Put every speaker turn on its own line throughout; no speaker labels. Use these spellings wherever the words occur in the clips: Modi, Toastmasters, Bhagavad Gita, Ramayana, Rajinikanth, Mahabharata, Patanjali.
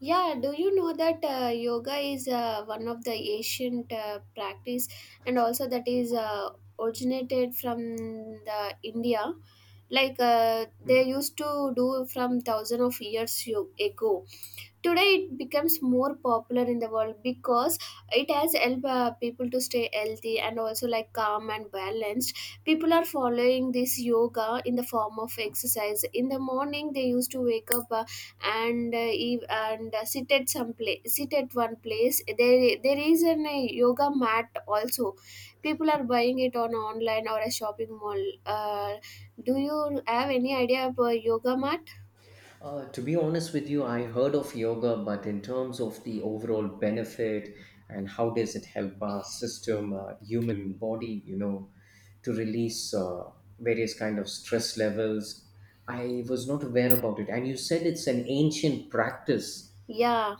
Yeah, do you know that yoga is one of the ancient practice and also that is originated from the India. They
Mhm.
used to do from thousand of years ago. Today, it becomes more popular in the world because it has helped people to stay healthy and also like calm and balanced. People are following this yoga in the form of exercise. In the morning, they used to wake up and sit at some place, sit at one place. There is an yoga mat also. People are buying it on online or a shopping mall. Do you have any idea about yoga mat?
To be honest with you, I heard of yoga, but in terms of the overall benefit and how does it help our system, human body, you know, to release various kind of stress levels, I was not aware about it. And you said it's an ancient practice.
Yeah.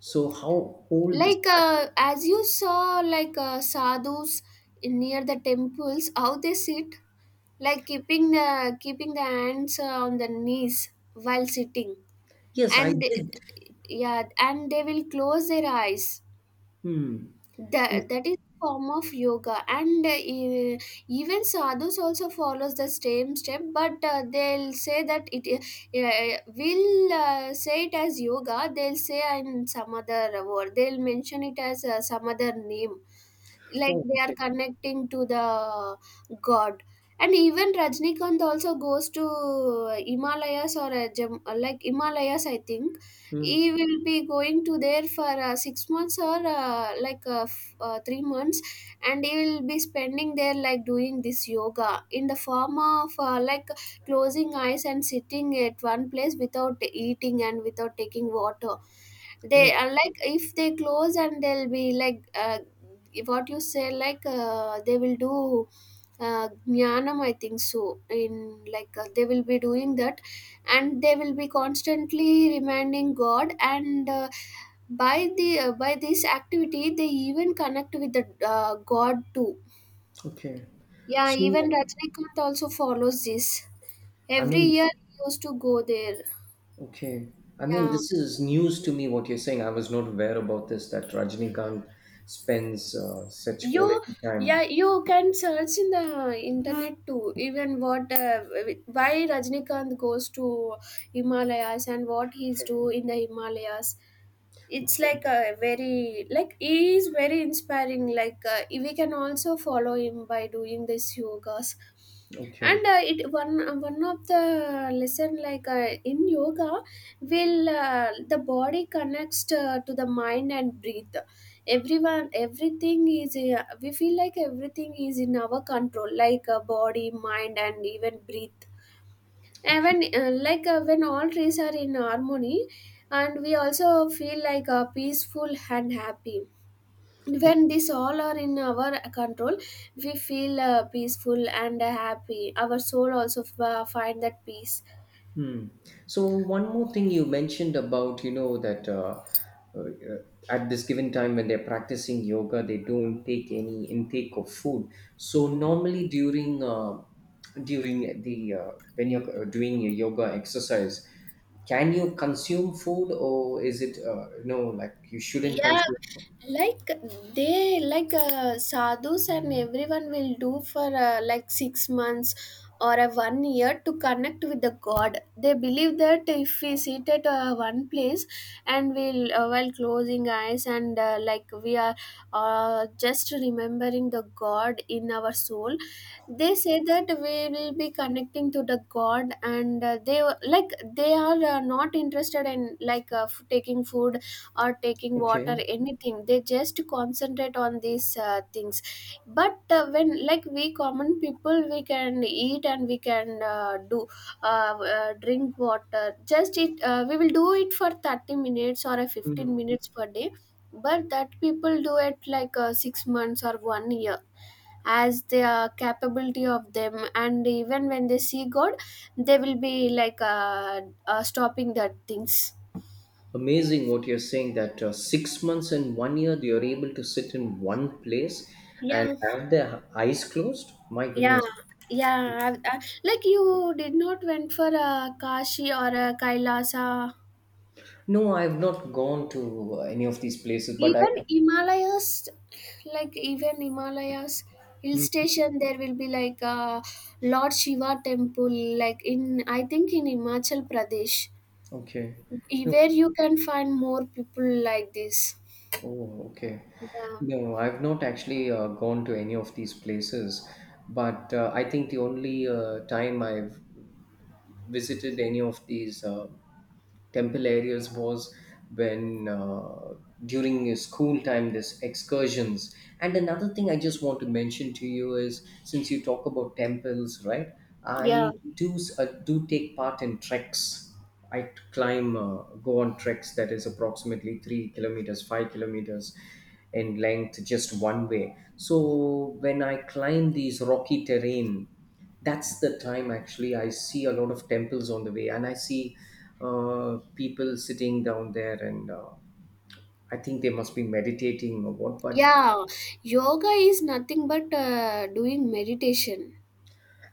So how old this practice?
As you saw sadhus near the temples how they sit like keeping the hands on the knees while sitting
Yes, I
and they-
did.
yeah, and they will close their eyes.
Hmm. Yes.
That is form of yoga, and even sadhus also follows the same step, but they'll say that it will say it as yoga. They'll say in some other word, they'll mention it as some other name, like
Oh,
they are
okay.
connecting to the god. And even Rajnikant also goes to Himalayas or a gem, like Himalayas I think.
Hmm.
He will be going to there for 6 months or 3 months, and he will be spending there like doing this yoga in the form of like closing eyes and sitting at one place without eating and without taking water. They
Oh,
are like if they close and they'll be like what you say, they will do jnanam I think so. In they will be doing that, and they will be constantly reminding God, and by the by this activity they even connect with the God too.
okay.
Yeah, even
So,
Rajnikant also follows this.
I
Every
mean,
year he used to go there.
okay. I mean,
Yeah.
this is news to me what you're saying. I was not aware about this that Rajinikanth spends such
you
quality
Yeah,
time.
you can search in the internet too, even what why Rajnikant goes to Himalayas and what he's do
Okay.
in the Himalayas. It's like
Okay.
a very like he is very inspiring. We can also follow him by doing this yogas,
Okay.
and it one of the lesson in yoga will the body connects to the mind and breathe. Everyone Everything is we feel like everything is in our control, body, mind, and even breathe. And
Okay.
when when all trees are in harmony, and we also feel like peaceful and happy. When this all are in our control, we feel peaceful and happy. Our soul also find that peace.
Hmm. So one more thing you mentioned about, you know, that uh, at this given time when they're practicing yoga, they don't take any intake of food. So normally during during the when you're doing a yoga exercise, can you consume food, or is it no, like you shouldn't
Yeah,
consume food?
like they like sadhus and everyone will do for like 6 months or a one year to connect with the god. They believe that if we sit at one place, and we'll while closing eyes and like we are just remembering the god in our soul, they say that we will be connecting to the god. And they like they are not interested in taking food or taking water
Okay.
anything. They just concentrate on these things. But when like we common people, we can eat and we can do drink water. Just It we will do it for 30 minutes or a 15 minutes per day, but that people do it 6 months or 1 year as the capability of them. And even when they see god, they will be like stopping that things.
Amazing what you're saying that 6 months and one year they are able to sit in one place and
Yeah.
have their eyes closed. My
Yeah,
goodness.
yeah. Like you did not went for a Kashi or a Kailasa.
No, I have not gone to any of these places, but I.
Even Himalayas, like even Himalayas, hill
Mm,
station, there will be like a Lord Shiva temple, like in I think in Himachal Pradesh,
okay. No.
where you can find more people like this.
Oh, okay.
Yeah,
No, I've not actually gone to any of these places, but I think the only time I've visited any of these temple areas was when during his school time this excursions. And another thing I just want to mention to you is, since you talk about temples, right,
yeah,
I do do take part in treks. I t- climb go on treks that is approximately 3 kilometers 5 kilometers in length just one way. So when I climb these rocky terrain, that's the time actually I see a lot of temples on the way, and I see people sitting down there, and I think they must be meditating or what, but
yeah. Yoga is nothing but doing meditation.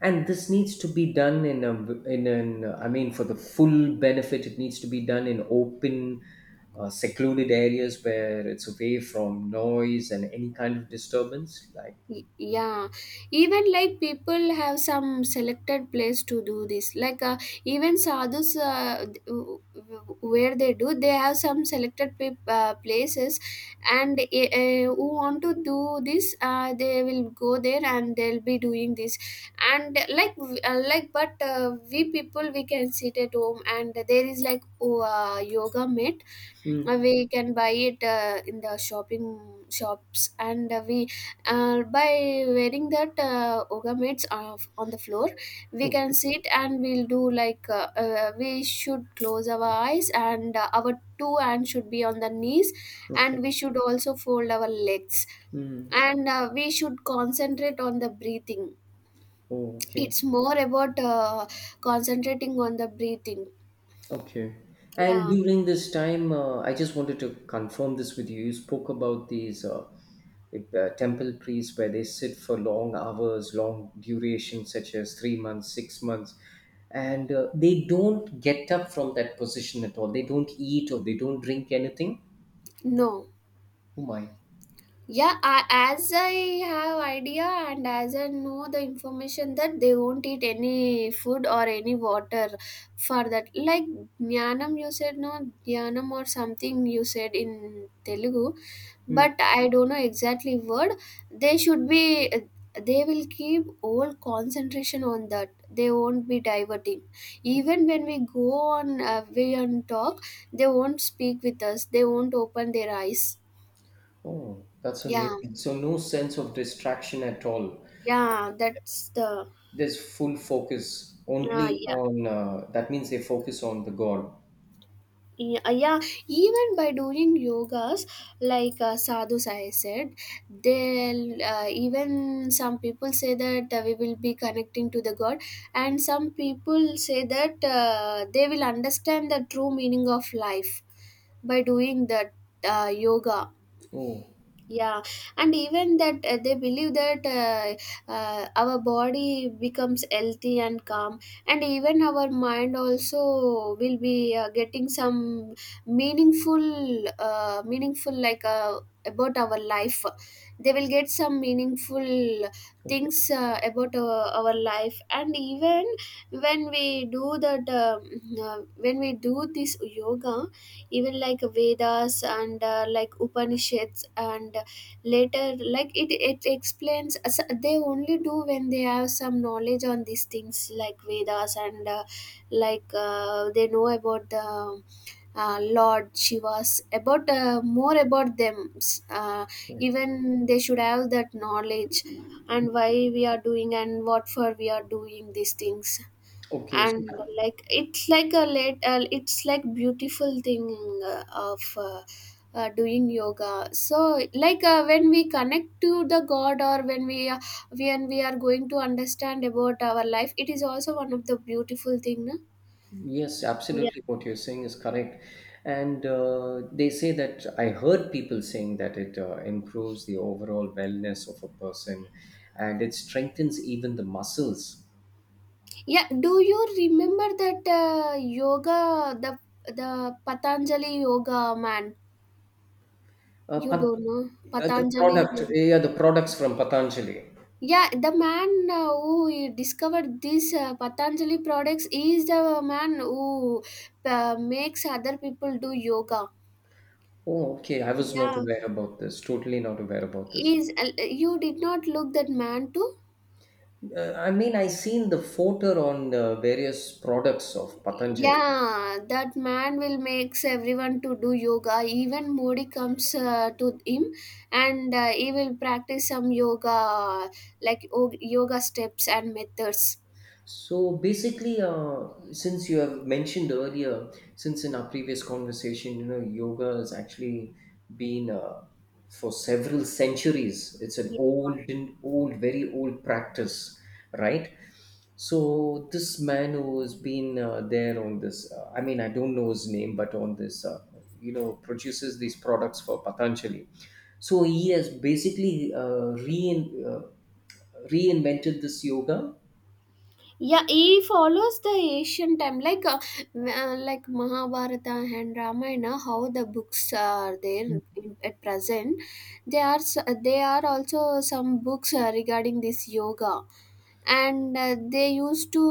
and this needs to be done in a in an, I mean, for the full benefit it needs to be done in open secluded areas where it's away from noise and any kind of disturbance like.
Yeah, even like people have some selected place to do this, even sadhus where they do, they have some selected places. And who want to do this they will go there and they'll be doing this. And but we people, we can sit at home, and there is like oh, yoga mat
Mm,
we can buy it in the shopping shops. And we by wearing that yoga mats on the floor, we can
okay.
sit and we'll do we should close our eyes, and our two hands should be on the knees,
Okay.
and we should also fold our legs.
Mm,
And we should concentrate on the breathing.
oh, okay.
It's more about concentrating on the breathing.
Okay. And
Yeah.
during this time, I just wanted to confirm this with you. You spoke about these if, temple priests where they sit for long hours, long duration, such as 3 months, 6 months, and they don't get up from that position at all. They don't eat or they don't drink anything.
No.
Oh my.
Yeah, as I have idea and as I know the information that they won't eat any food or any water for that. Like jnanam, you said no, jnanam or something you said in Telugu,
Hmm.
but I don't know exactly word. They should be, they will keep all concentration on that. They won't be diverting. Even when we go on, we and talk, they won't speak with us. They won't open their eyes.
Oh, that's
Yeah.
amazing. So no sense of distraction at all.
Yeah, that's the
There's full focus only
yeah.
on. That means they focus on the God.
Yeah, Yeah, even by doing yogas, Sadhu Sai said, they'll even some people say that we will be connecting to the God, and some people say that they will understand the true meaning of life by doing that yoga.
Oh,
Yeah, and even that they believe that our body becomes healthy and calm, and even our mind also will be getting some meaningful about our life. They will get some meaningful
okay,
things about our life. And even when we do that when we do this yoga, even like Vedas and like Upanishads and later like it explains they only do when they have some knowledge on these things like Vedas and they know about the Lord Shivas, about more about them. uh,
okay.
Even they should have that knowledge, and why we are doing and what for we are doing these things.
Okay, so
And like it's like a late it's like beautiful thing of doing yoga. So when we connect to the god, or when we are going to understand about our life, it is also one of the beautiful thing no.
yes,
Yeah.
absolutely. What you're saying is correct, and they say that I heard people saying that it improves the overall wellness of a person, and it strengthens even the muscles.
Yeah, do you remember that yoga the Patanjali yoga man? You
Pat-
don't know
the
Patanjali.
product, yeah, the products from Patanjali.
Yeah, the man who discovered these Patanjali products is the man who makes other people do yoga.
Oh, okay. I was not
Yeah,
aware about this. Totally not aware about this.
is you did not look that man too?
I mean, I seen the photo on various products of Patanjali.
Yeah, that man will makes everyone to do yoga. Even Modi comes to him, and he will practice some yoga, like yoga steps and methods.
So basically, since you have mentioned earlier, since in our previous conversation, you know, yoga has actually been for several centuries. It's an old, and old, very old practice, right? So this man who has been there on this, I mean, I don't know his name, but on this, you know, produces these products for Patanjali. So he has basically reinvented this yoga.
Yeah, he follows the ancient time, like Mahabharata and Ramayana. How the books are there in, at present? They are s- they are also some books regarding this yoga, and they used to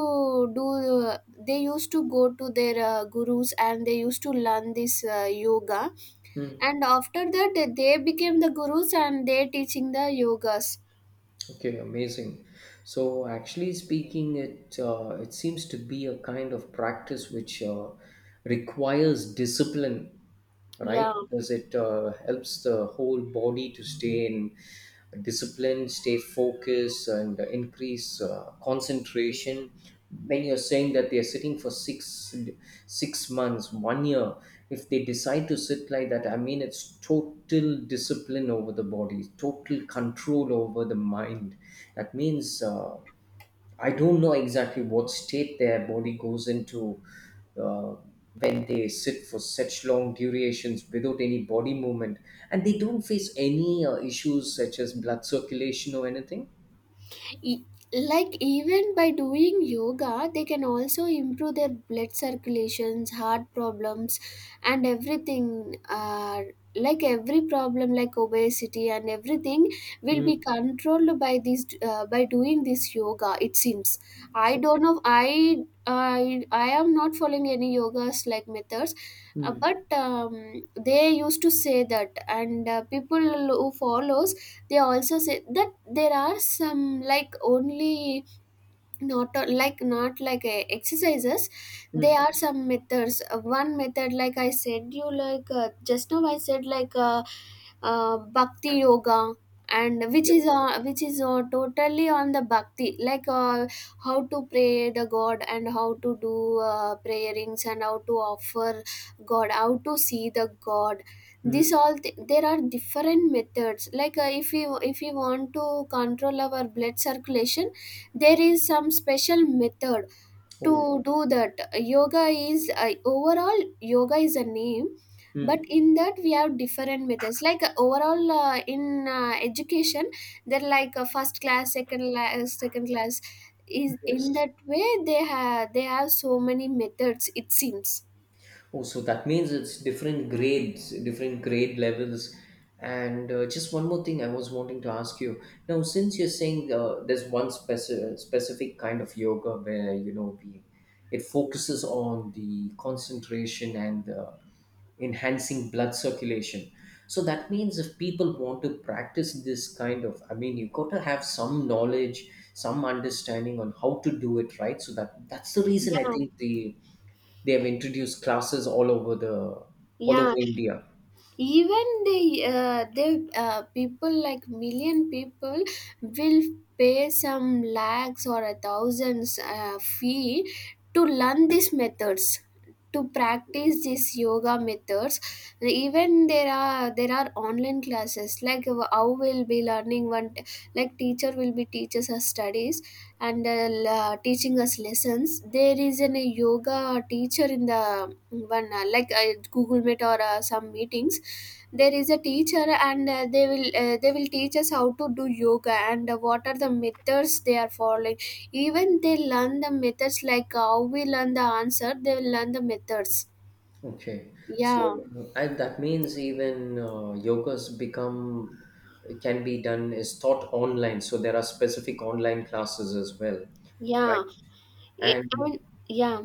do. Uh, they used to go to their gurus, and they used to learn this yoga,
Hmm.
and after that they became the gurus, and they teaching the yogas.
Okay, amazing. So, actually speaking, it seems to be a kind of practice which requires discipline, right?
Yeah.
Because it helps the whole body to stay in discipline, stay focused, and increase concentration. When you're saying that they're sitting for six six months, one year, if they decide to sit like that, I mean, it's totally total discipline over the body, total control over the mind. That means I don't know exactly what state their body goes into uh, when they sit for such long durations without any body movement, and they don't face any issues such as blood circulation or anything.
E- like even by doing yoga they can also improve their blood circulations, heart problems, and everything like every problem like obesity and everything will
Mm.
be controlled by this by doing this yoga, it seems. I
Okay.
don't know, I am not following any yogas like methods. uh,
Mm.
but um, they used to say that, and people who follows, they also said that there are some like only not a- like not like a exercises,
Mm.
there are some methods. One method, like I said you, like just now I said like bhakti yoga, and which is
Yes.
totally on the bhakti, how to pray the god, and how to do prayerings, and how to offer god, how to see the god.
Mm.
This all there are different methods. If we, if we want to control our blood circulation, there is some special method to
Oh.
do that. Yoga is, I, overall yoga is a name, but
Mm.
in that we have different methods, like overall in education, they're like first class, second class is, in
Yes.
that way they have, they have so many methods, it seems.
Oh, so that means it's different grades, different grade levels. And just one more thing I was wanting to ask you. Now, since you're saying there's one specific kind of yoga where, you know, we, it focuses on the concentration and enhancing blood circulation. So that means if people want to practice this kind of, I mean, you've got to have some knowledge, some understanding on how to do it, right? So that's the reason I
Yeah,
think they have introduced classes all over the all over
yeah,
India.
even the people, like million people, will pay some lakhs or a thousands fee to learn these methods, to practice these yoga methods. Even there are online classes, like how we'll be learning. One, teacher will be teaches us studies, and teaching us lessons. There is an a yoga teacher in the one, like Google Meet or some meetings. There is a teacher, and they will teach us how to do yoga, and what are the methods they are following. Even they learn the methods like how we learn the answer, they will learn the methods.
Okay, so
Yeah,
and that means even yoga's become can be done is taught online. So there are specific online classes as well, right?
yeah. I
And
mean, yeah.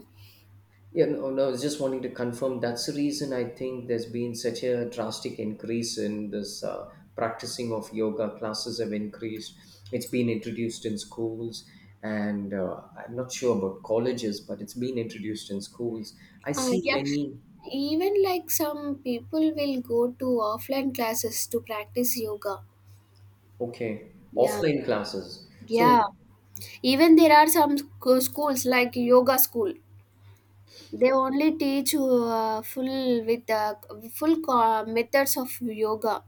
yeah, no, no, I was just wanting to confirm that's the reason I think there's been such a drastic increase in this practicing of yoga. Classes have increased. It's been introduced in schools, and I'm not sure about colleges, but it's been introduced in schools. I
uh,
see
yeah
many,
Even like some people will go to offline classes to practice yoga.
okay,
Yeah,
offline classes. So,
yeah, even there are some schools like yoga school. They only teach full with methods of yoga.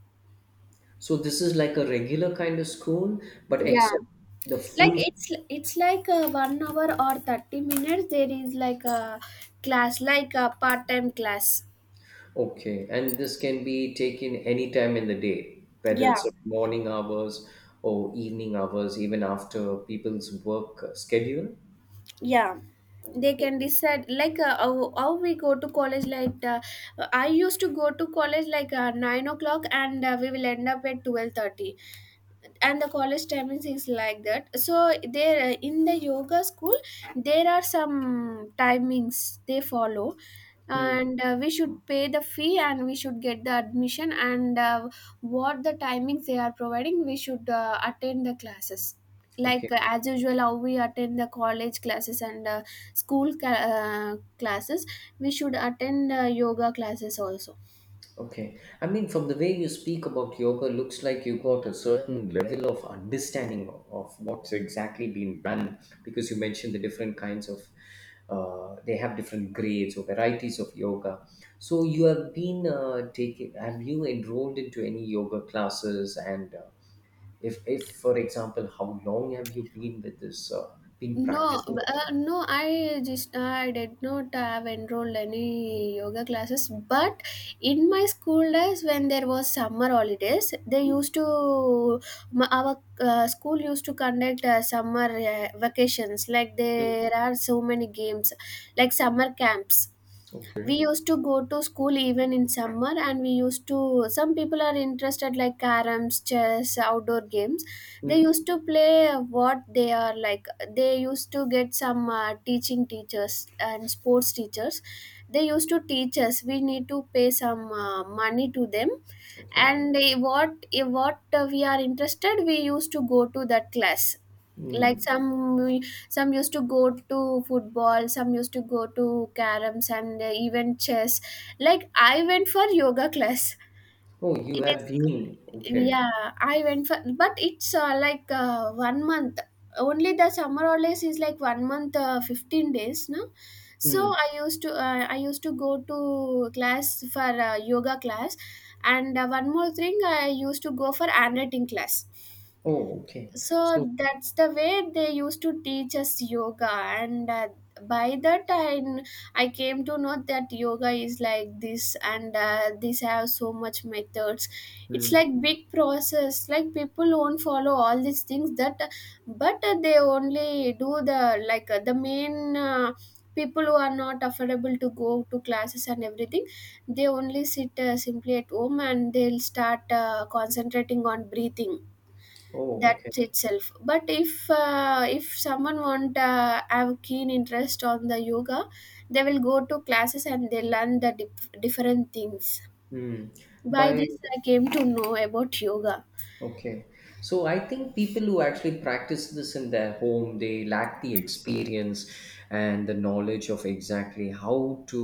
this is like a regular kind of school, but
Yeah.
except the
Like
full.
it's like a 1 hour or 30 minutes, there is like a class, like a part-time class.
Okay, and this can be taken any time in the day, whether it's morning hours or evening hours, even after people's work schedule.
Yeah, they can decide, like how we go to college. I used to go to college like 9 o'clock, and we will end up at 12:30. And the college timings is like that. So there in the yoga school, there are some timings they follow,
Hmm.
and we should pay the fee, and we should get the admission, and what the timings they are providing, we should attend the classes, like
Okay,
as usual how we attend the college classes, and school classes, we should attend yoga classes also.
okay. I mean, from the way you speak about yoga, looks like you got a certain level of understanding of what's exactly been done because you mentioned the different kinds of, they have different grades or varieties of yoga. So you have been taking, have you enrolled into any yoga classes, and if for example how long have you been with this been
No,
practicing it.
I did not have enrolled any yoga classes. But in my school days, when there was summer holidays, they used to, our school used to conduct summer vacations, like
Mm,
there are so many games, like summer camps. We
okay.
used to go to school even in summer, and we used to, some people are interested like caroms, chess, outdoor games, they
Mm,
used to play what they are like. They used to get some teaching teachers and sports teachers, they used to teach us. We need to pay some money to them,
okay.
and what we are interested, we used to go to that class. Like
Mm.
some some used to go to football, some used to go to caroms, and even chess. Like I went for yoga class.
Oh, you
It
have
is,
been. Okay.
yeah, I went for, but it's like 1 month. Only the summer holidays is like 1 month, 15 days, no. So
Mm.
I used to, I used to go to class for yoga class, and one more thing, I used to go for handwriting class.
Oh, okay,
So
so.
that's the way they used to teach us yoga, and by that I came to know that yoga is like this, and these have so much methods. It's
Mm,
like big process, like people won't follow all these things, that but they only do the the main people who are not affordable to go to classes and everything, they only sit simply at home, and they'll start concentrating on breathing.
oh,
That
okay.
itself. But if someone want have keen interest on the yoga, they will go to classes and they learn the different things.
Mm.
By
by
this I came to know about yoga.
okay, so I think people who actually practice this in their home they lack the experience and the knowledge of exactly how to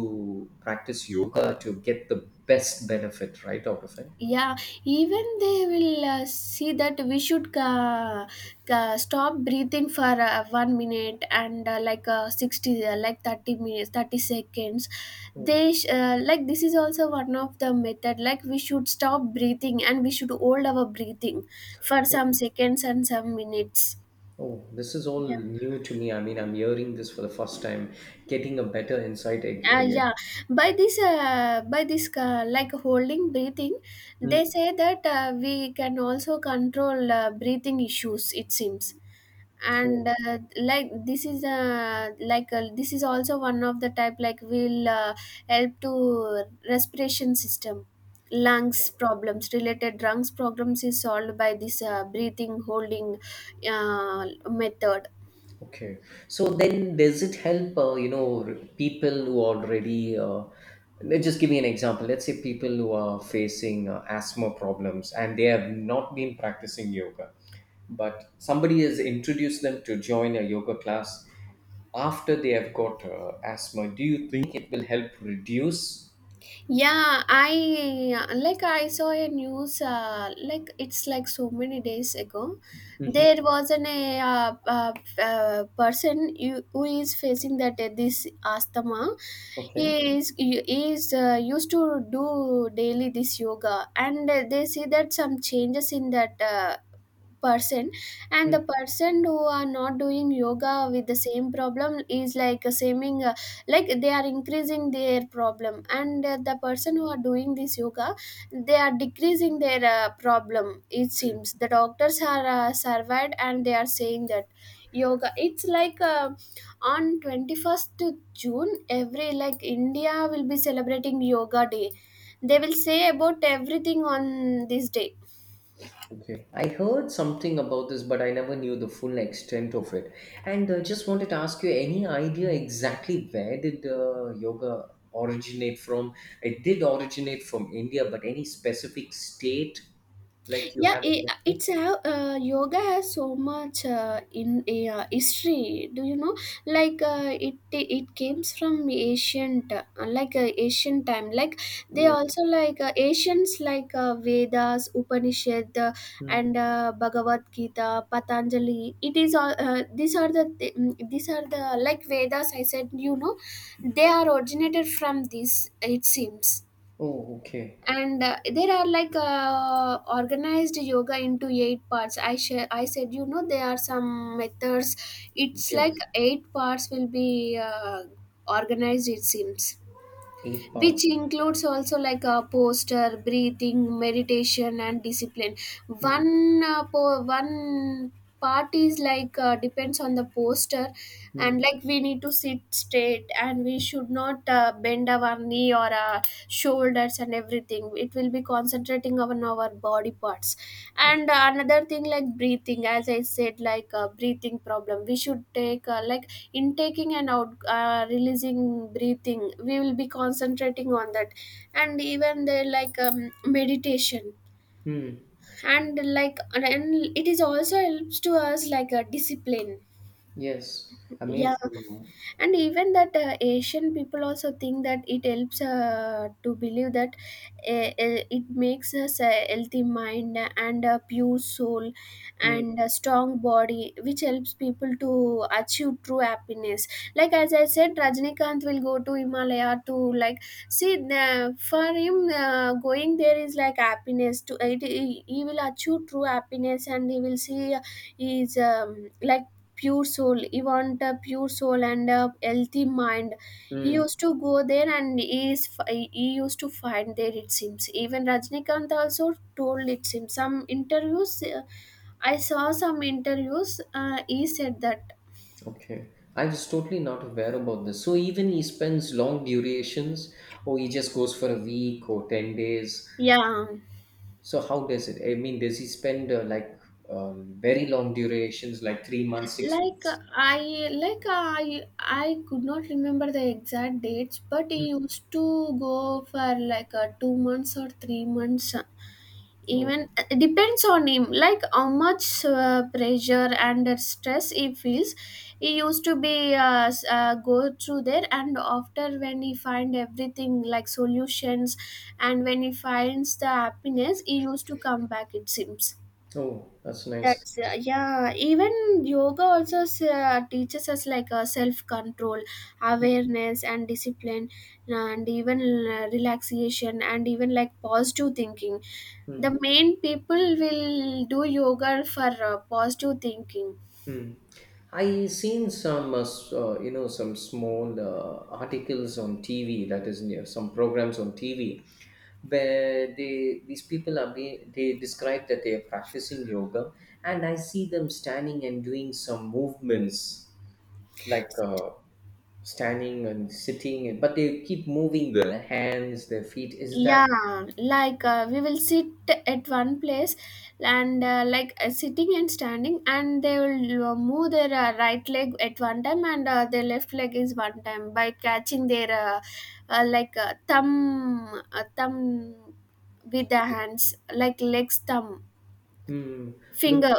practice yoga to get the best benefit right out of it.
Yeah, even they will see that we should stop breathing for 1 minute, and like 60, 30 minutes, 30 seconds.
Oh.
They sh- like This is also one of the method, like we should stop breathing and we should hold our breathing for some seconds and some minutes.
Oh, this is all
Yeah.
new to me. I mean, I'm hearing this for the first time, getting a better insight
uh,
again.
yeah by this, like holding breathing,
Mm.
they say that we can also control breathing issues, it seems. And
Oh,
this is also one of the type, like will help to respiration system. Lungs problems, related lungs problems, is solved by this breathing holding method.
okay. So then, does it help, you know, people who already, let's just give me an example. Let's say people who are facing asthma problems and they have not been practicing yoga, but somebody has introduced them to join a yoga class after they have got asthma. Do you think it will help reduce?
Yeah, I like I saw a news like it's like so many days ago.
Mhm.
There was an a person who is facing that this asthma.
Okay.
He is used to do daily this yoga, and they see that some changes in that person. And the person who are not doing yoga with the same problem is, like, seeming like they are increasing their problem, and the person who are doing this yoga, they are decreasing their problem, it seems. The doctors are surveyed, and they are saying that yoga, it's on 21st to June, every, like, India will be celebrating yoga day, they will say about everything on this day.
Okay, I heard something about this, but I never knew the full extent of it. And just wanted to ask you any idea exactly where did yoga originate from? It did originate from India, but any specific state like you
Yeah,
have any
it,
idea?
it's how yoga has so much in history, do you know, like it, it comes from ancient, like ancient time, like, they
Yeah.
also like ancients, like vedas, upanishad,
Hmm.
and bhagavad gita, patanjali. It is all these are the these are the, like, vedas I said, you know, they are originated from this, it seems.
Oh, okay.
And there are like organized yoga into 8 parts, I said, you know, there are some methods. It's like
Yes.
8 parts will be organized, it seems,
Eight parts.
which includes also like a posture, breathing, meditation, and discipline.
Hmm.
One one part is like depends on the posture.
Hmm.
And like we need to sit straight, and we should not bend our knee or shoulders, and everything. It will be concentrating on our body parts. And another thing, like breathing, as I said, like breathing problem, we should take like intaking and out releasing breathing, we will be concentrating on that. And even they like, meditation,
Hmm.
and like, and it is also helps to us like a discipline.
Yes. I mean,
Yeah,
from,
and even that Asian people also think that it helps to believe that it makes us a healthy mind and a pure soul
hmm.
and a strong body, which helps people to achieve true happiness. Like as I said, Rajnikant will go to Himalaya to, like, see the, for him going there is like happiness to it. He will achieve true happiness, and he will see his pure soul. He want a pure soul and a healthy mind, he
Hmm.
used to go there, and he is he used to find there, it seems. Even Rajnikant also told, it seems, some interviews, I saw some interviews, he said that.
Okay, I was totally not aware about this. So even he spends long durations, or he just goes for a week or 10 days.
Yeah,
So how does it? I mean, does he spend like very long durations, like 3 months, six
like
months?
i like uh, i I could not remember the exact dates, but he used to go for like 2 months or 3 months.
Oh,
Even it depends on him, like how much pressure and stress he feels, he used to be go through there, and after when he find everything like solutions, and when he finds the happiness, he used to come back, it seems.
oh, that's nice.
That's yeah, even yoga also teaches us like self control, awareness, and discipline, and even relaxation, and even like positive thinking. The
Hmm.
main people will do yoga for positive thinking.
Hmm. I seen some, some small articles on TV. That is, some programs on TV where they these people are being they describe that they are practicing yoga, and I see them standing and doing some movements like standing and sitting, and but they keep moving their hands, their feet. Is that?
Yeah, like we will sit at one place, and sitting and standing, and they will move their right leg at one time, and their left leg is one time, by catching their thumb with the hands, like legs thumb
Hmm, looks
finger,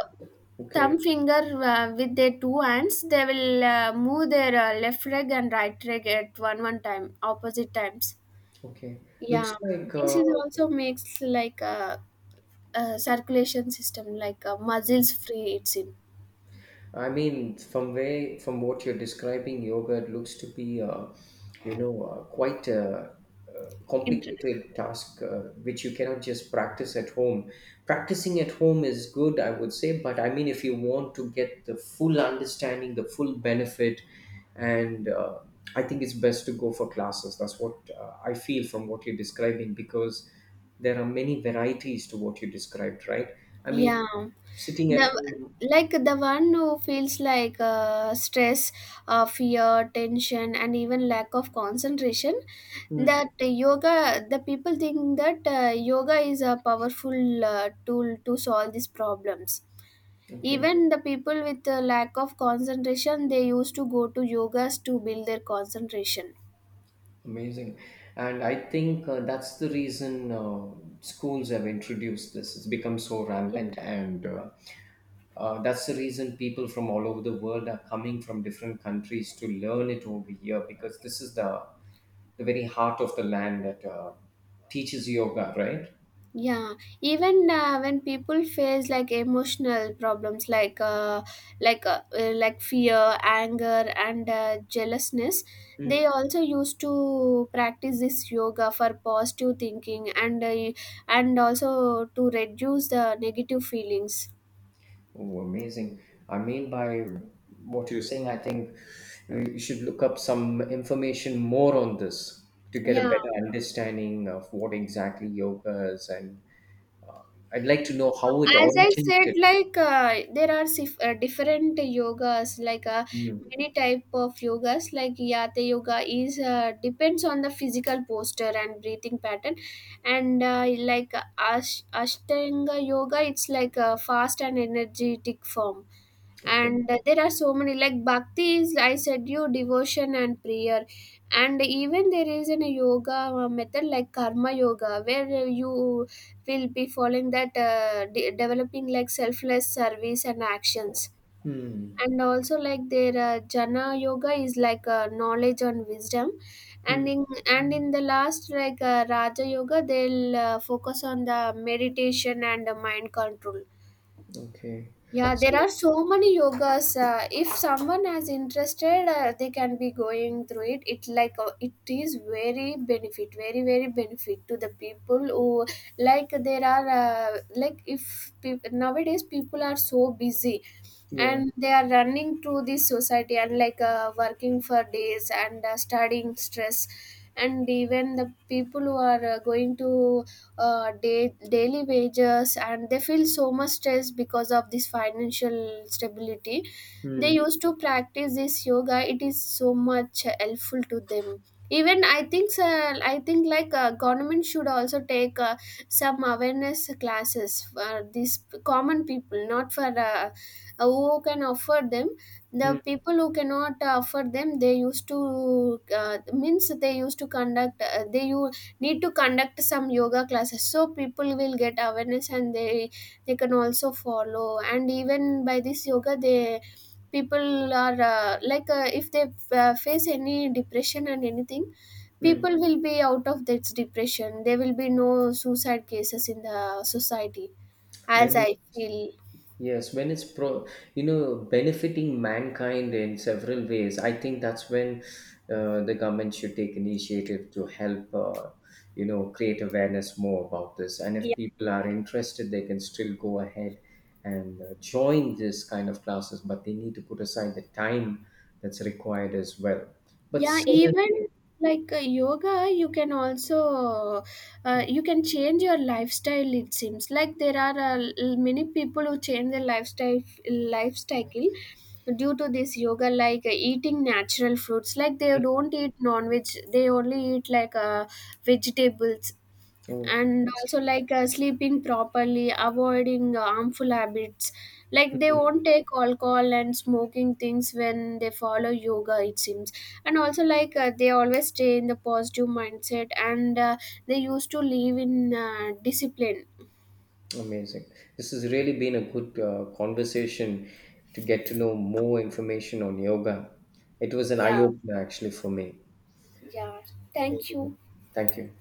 okay?
thumb finger, with their two hands they will move their left leg and right leg at one one time, opposite times.
Okay,
Yeah,
looks like.
this is also makes like a circulation system, like a muscles free, it's in.
I mean, from way from what you're describing, yoga it looks to be, you know, quite a,
Inter-
complicated task, which you cannot just practice at home. Practicing at home is good, I would say, but I mean, if you want to get the full understanding, the full benefit, and I think it's best to go for classes. That's what I feel from what you're describing because there are many varieties to what you described, right? I mean,
yeah,
sitting
the,
at home.
like, the one who feels like stress, fear, tension, and even lack of concentration,
Hmm.
that yoga, the people think that yoga is a powerful tool to solve these problems.
Okay.
Even the people with a lack of concentration, they used to go to yogas to build their concentration.
Amazing. And I think that's the reason schools have introduced this. It's become so
Yeah.
rampant. And that's the reason people from all over the world are coming from different countries to learn it over here because this is the very heart of the land that teaches yoga, right?
Yeah, even when people face like emotional problems, like like fear, anger, and jealousness, they also used to practice this yoga for positive thinking, and also to reduce the negative feelings.
Oh, amazing. I mean, by what you're saying, I think you should look up some information more on this to get a
Yeah,
better understanding of what exactly yoga is. And I'd like to know how it
as I said,
originated.
like there are different yogas, like
Hmm.
many type of yogas, like yata yoga is depends on the physical posture and breathing pattern, and like ashtanga yoga, it's like a fast and energetic form.
Okay.
And there are so many, like bhakti, is I said you, devotion and prayer. And even there is an yoga method like karma yoga, where you will be following that, developing like selfless service and actions.
Hmm.
And also like their jana yoga is like knowledge and wisdom. And
Hmm.
in the last, like raja yoga, they'll focus on the meditation and mind control.
Okay.
Yeah, there
So,
are so many yogas. If someone is interested, they can be going through it. It like it is very benefit, very benefit to the people who, like, there are like if peop nowadays people are so busy,
yeah.
and they are running to this society, and like working for days, and studying stress. And even the people who are going to daily wages, and they feel so much stress because of this financial stability, they
Hmm.
used to practice this yoga, it is so much helpful to them. Even I think, like government should also take some awareness classes for these common people, not for who can afford them. The
Hmm.
people who cannot afford them, they used to means they used to conduct they you need to conduct some yoga classes, so people will get awareness, and they can also follow. And even by this yoga, they, people are if they face any depression and anything,
Hmm.
people will be out of that depression, there will be no suicide cases in the society, as
When
I feel.
yes, when it's pro, you know, benefiting mankind in several ways, I think that's when the government should take initiative to help, you know, create awareness more about this. And if people are interested, they can still go ahead and join this kind of classes, but they need to put aside the time that's required as well. But
Yeah, even
certainly,
like yoga, you can also you can change your lifestyle, it seems, like there are many people who change their lifestyle, lifestyle, due to this yoga, like eating natural fruits, like they
mm.
don't eat non-veg, they only eat like vegetables, and also
Oh,
like sleeping properly, avoiding harmful habits, like they won't take alcohol and smoking things when they follow yoga, it seems. And also like they always stay in the positive mindset, and they used to live in discipline.
amazing. This has really been a good conversation to get to know more information on yoga. It was an eye
Yeah,
opener actually for me.
yeah, thank you.
Thank you.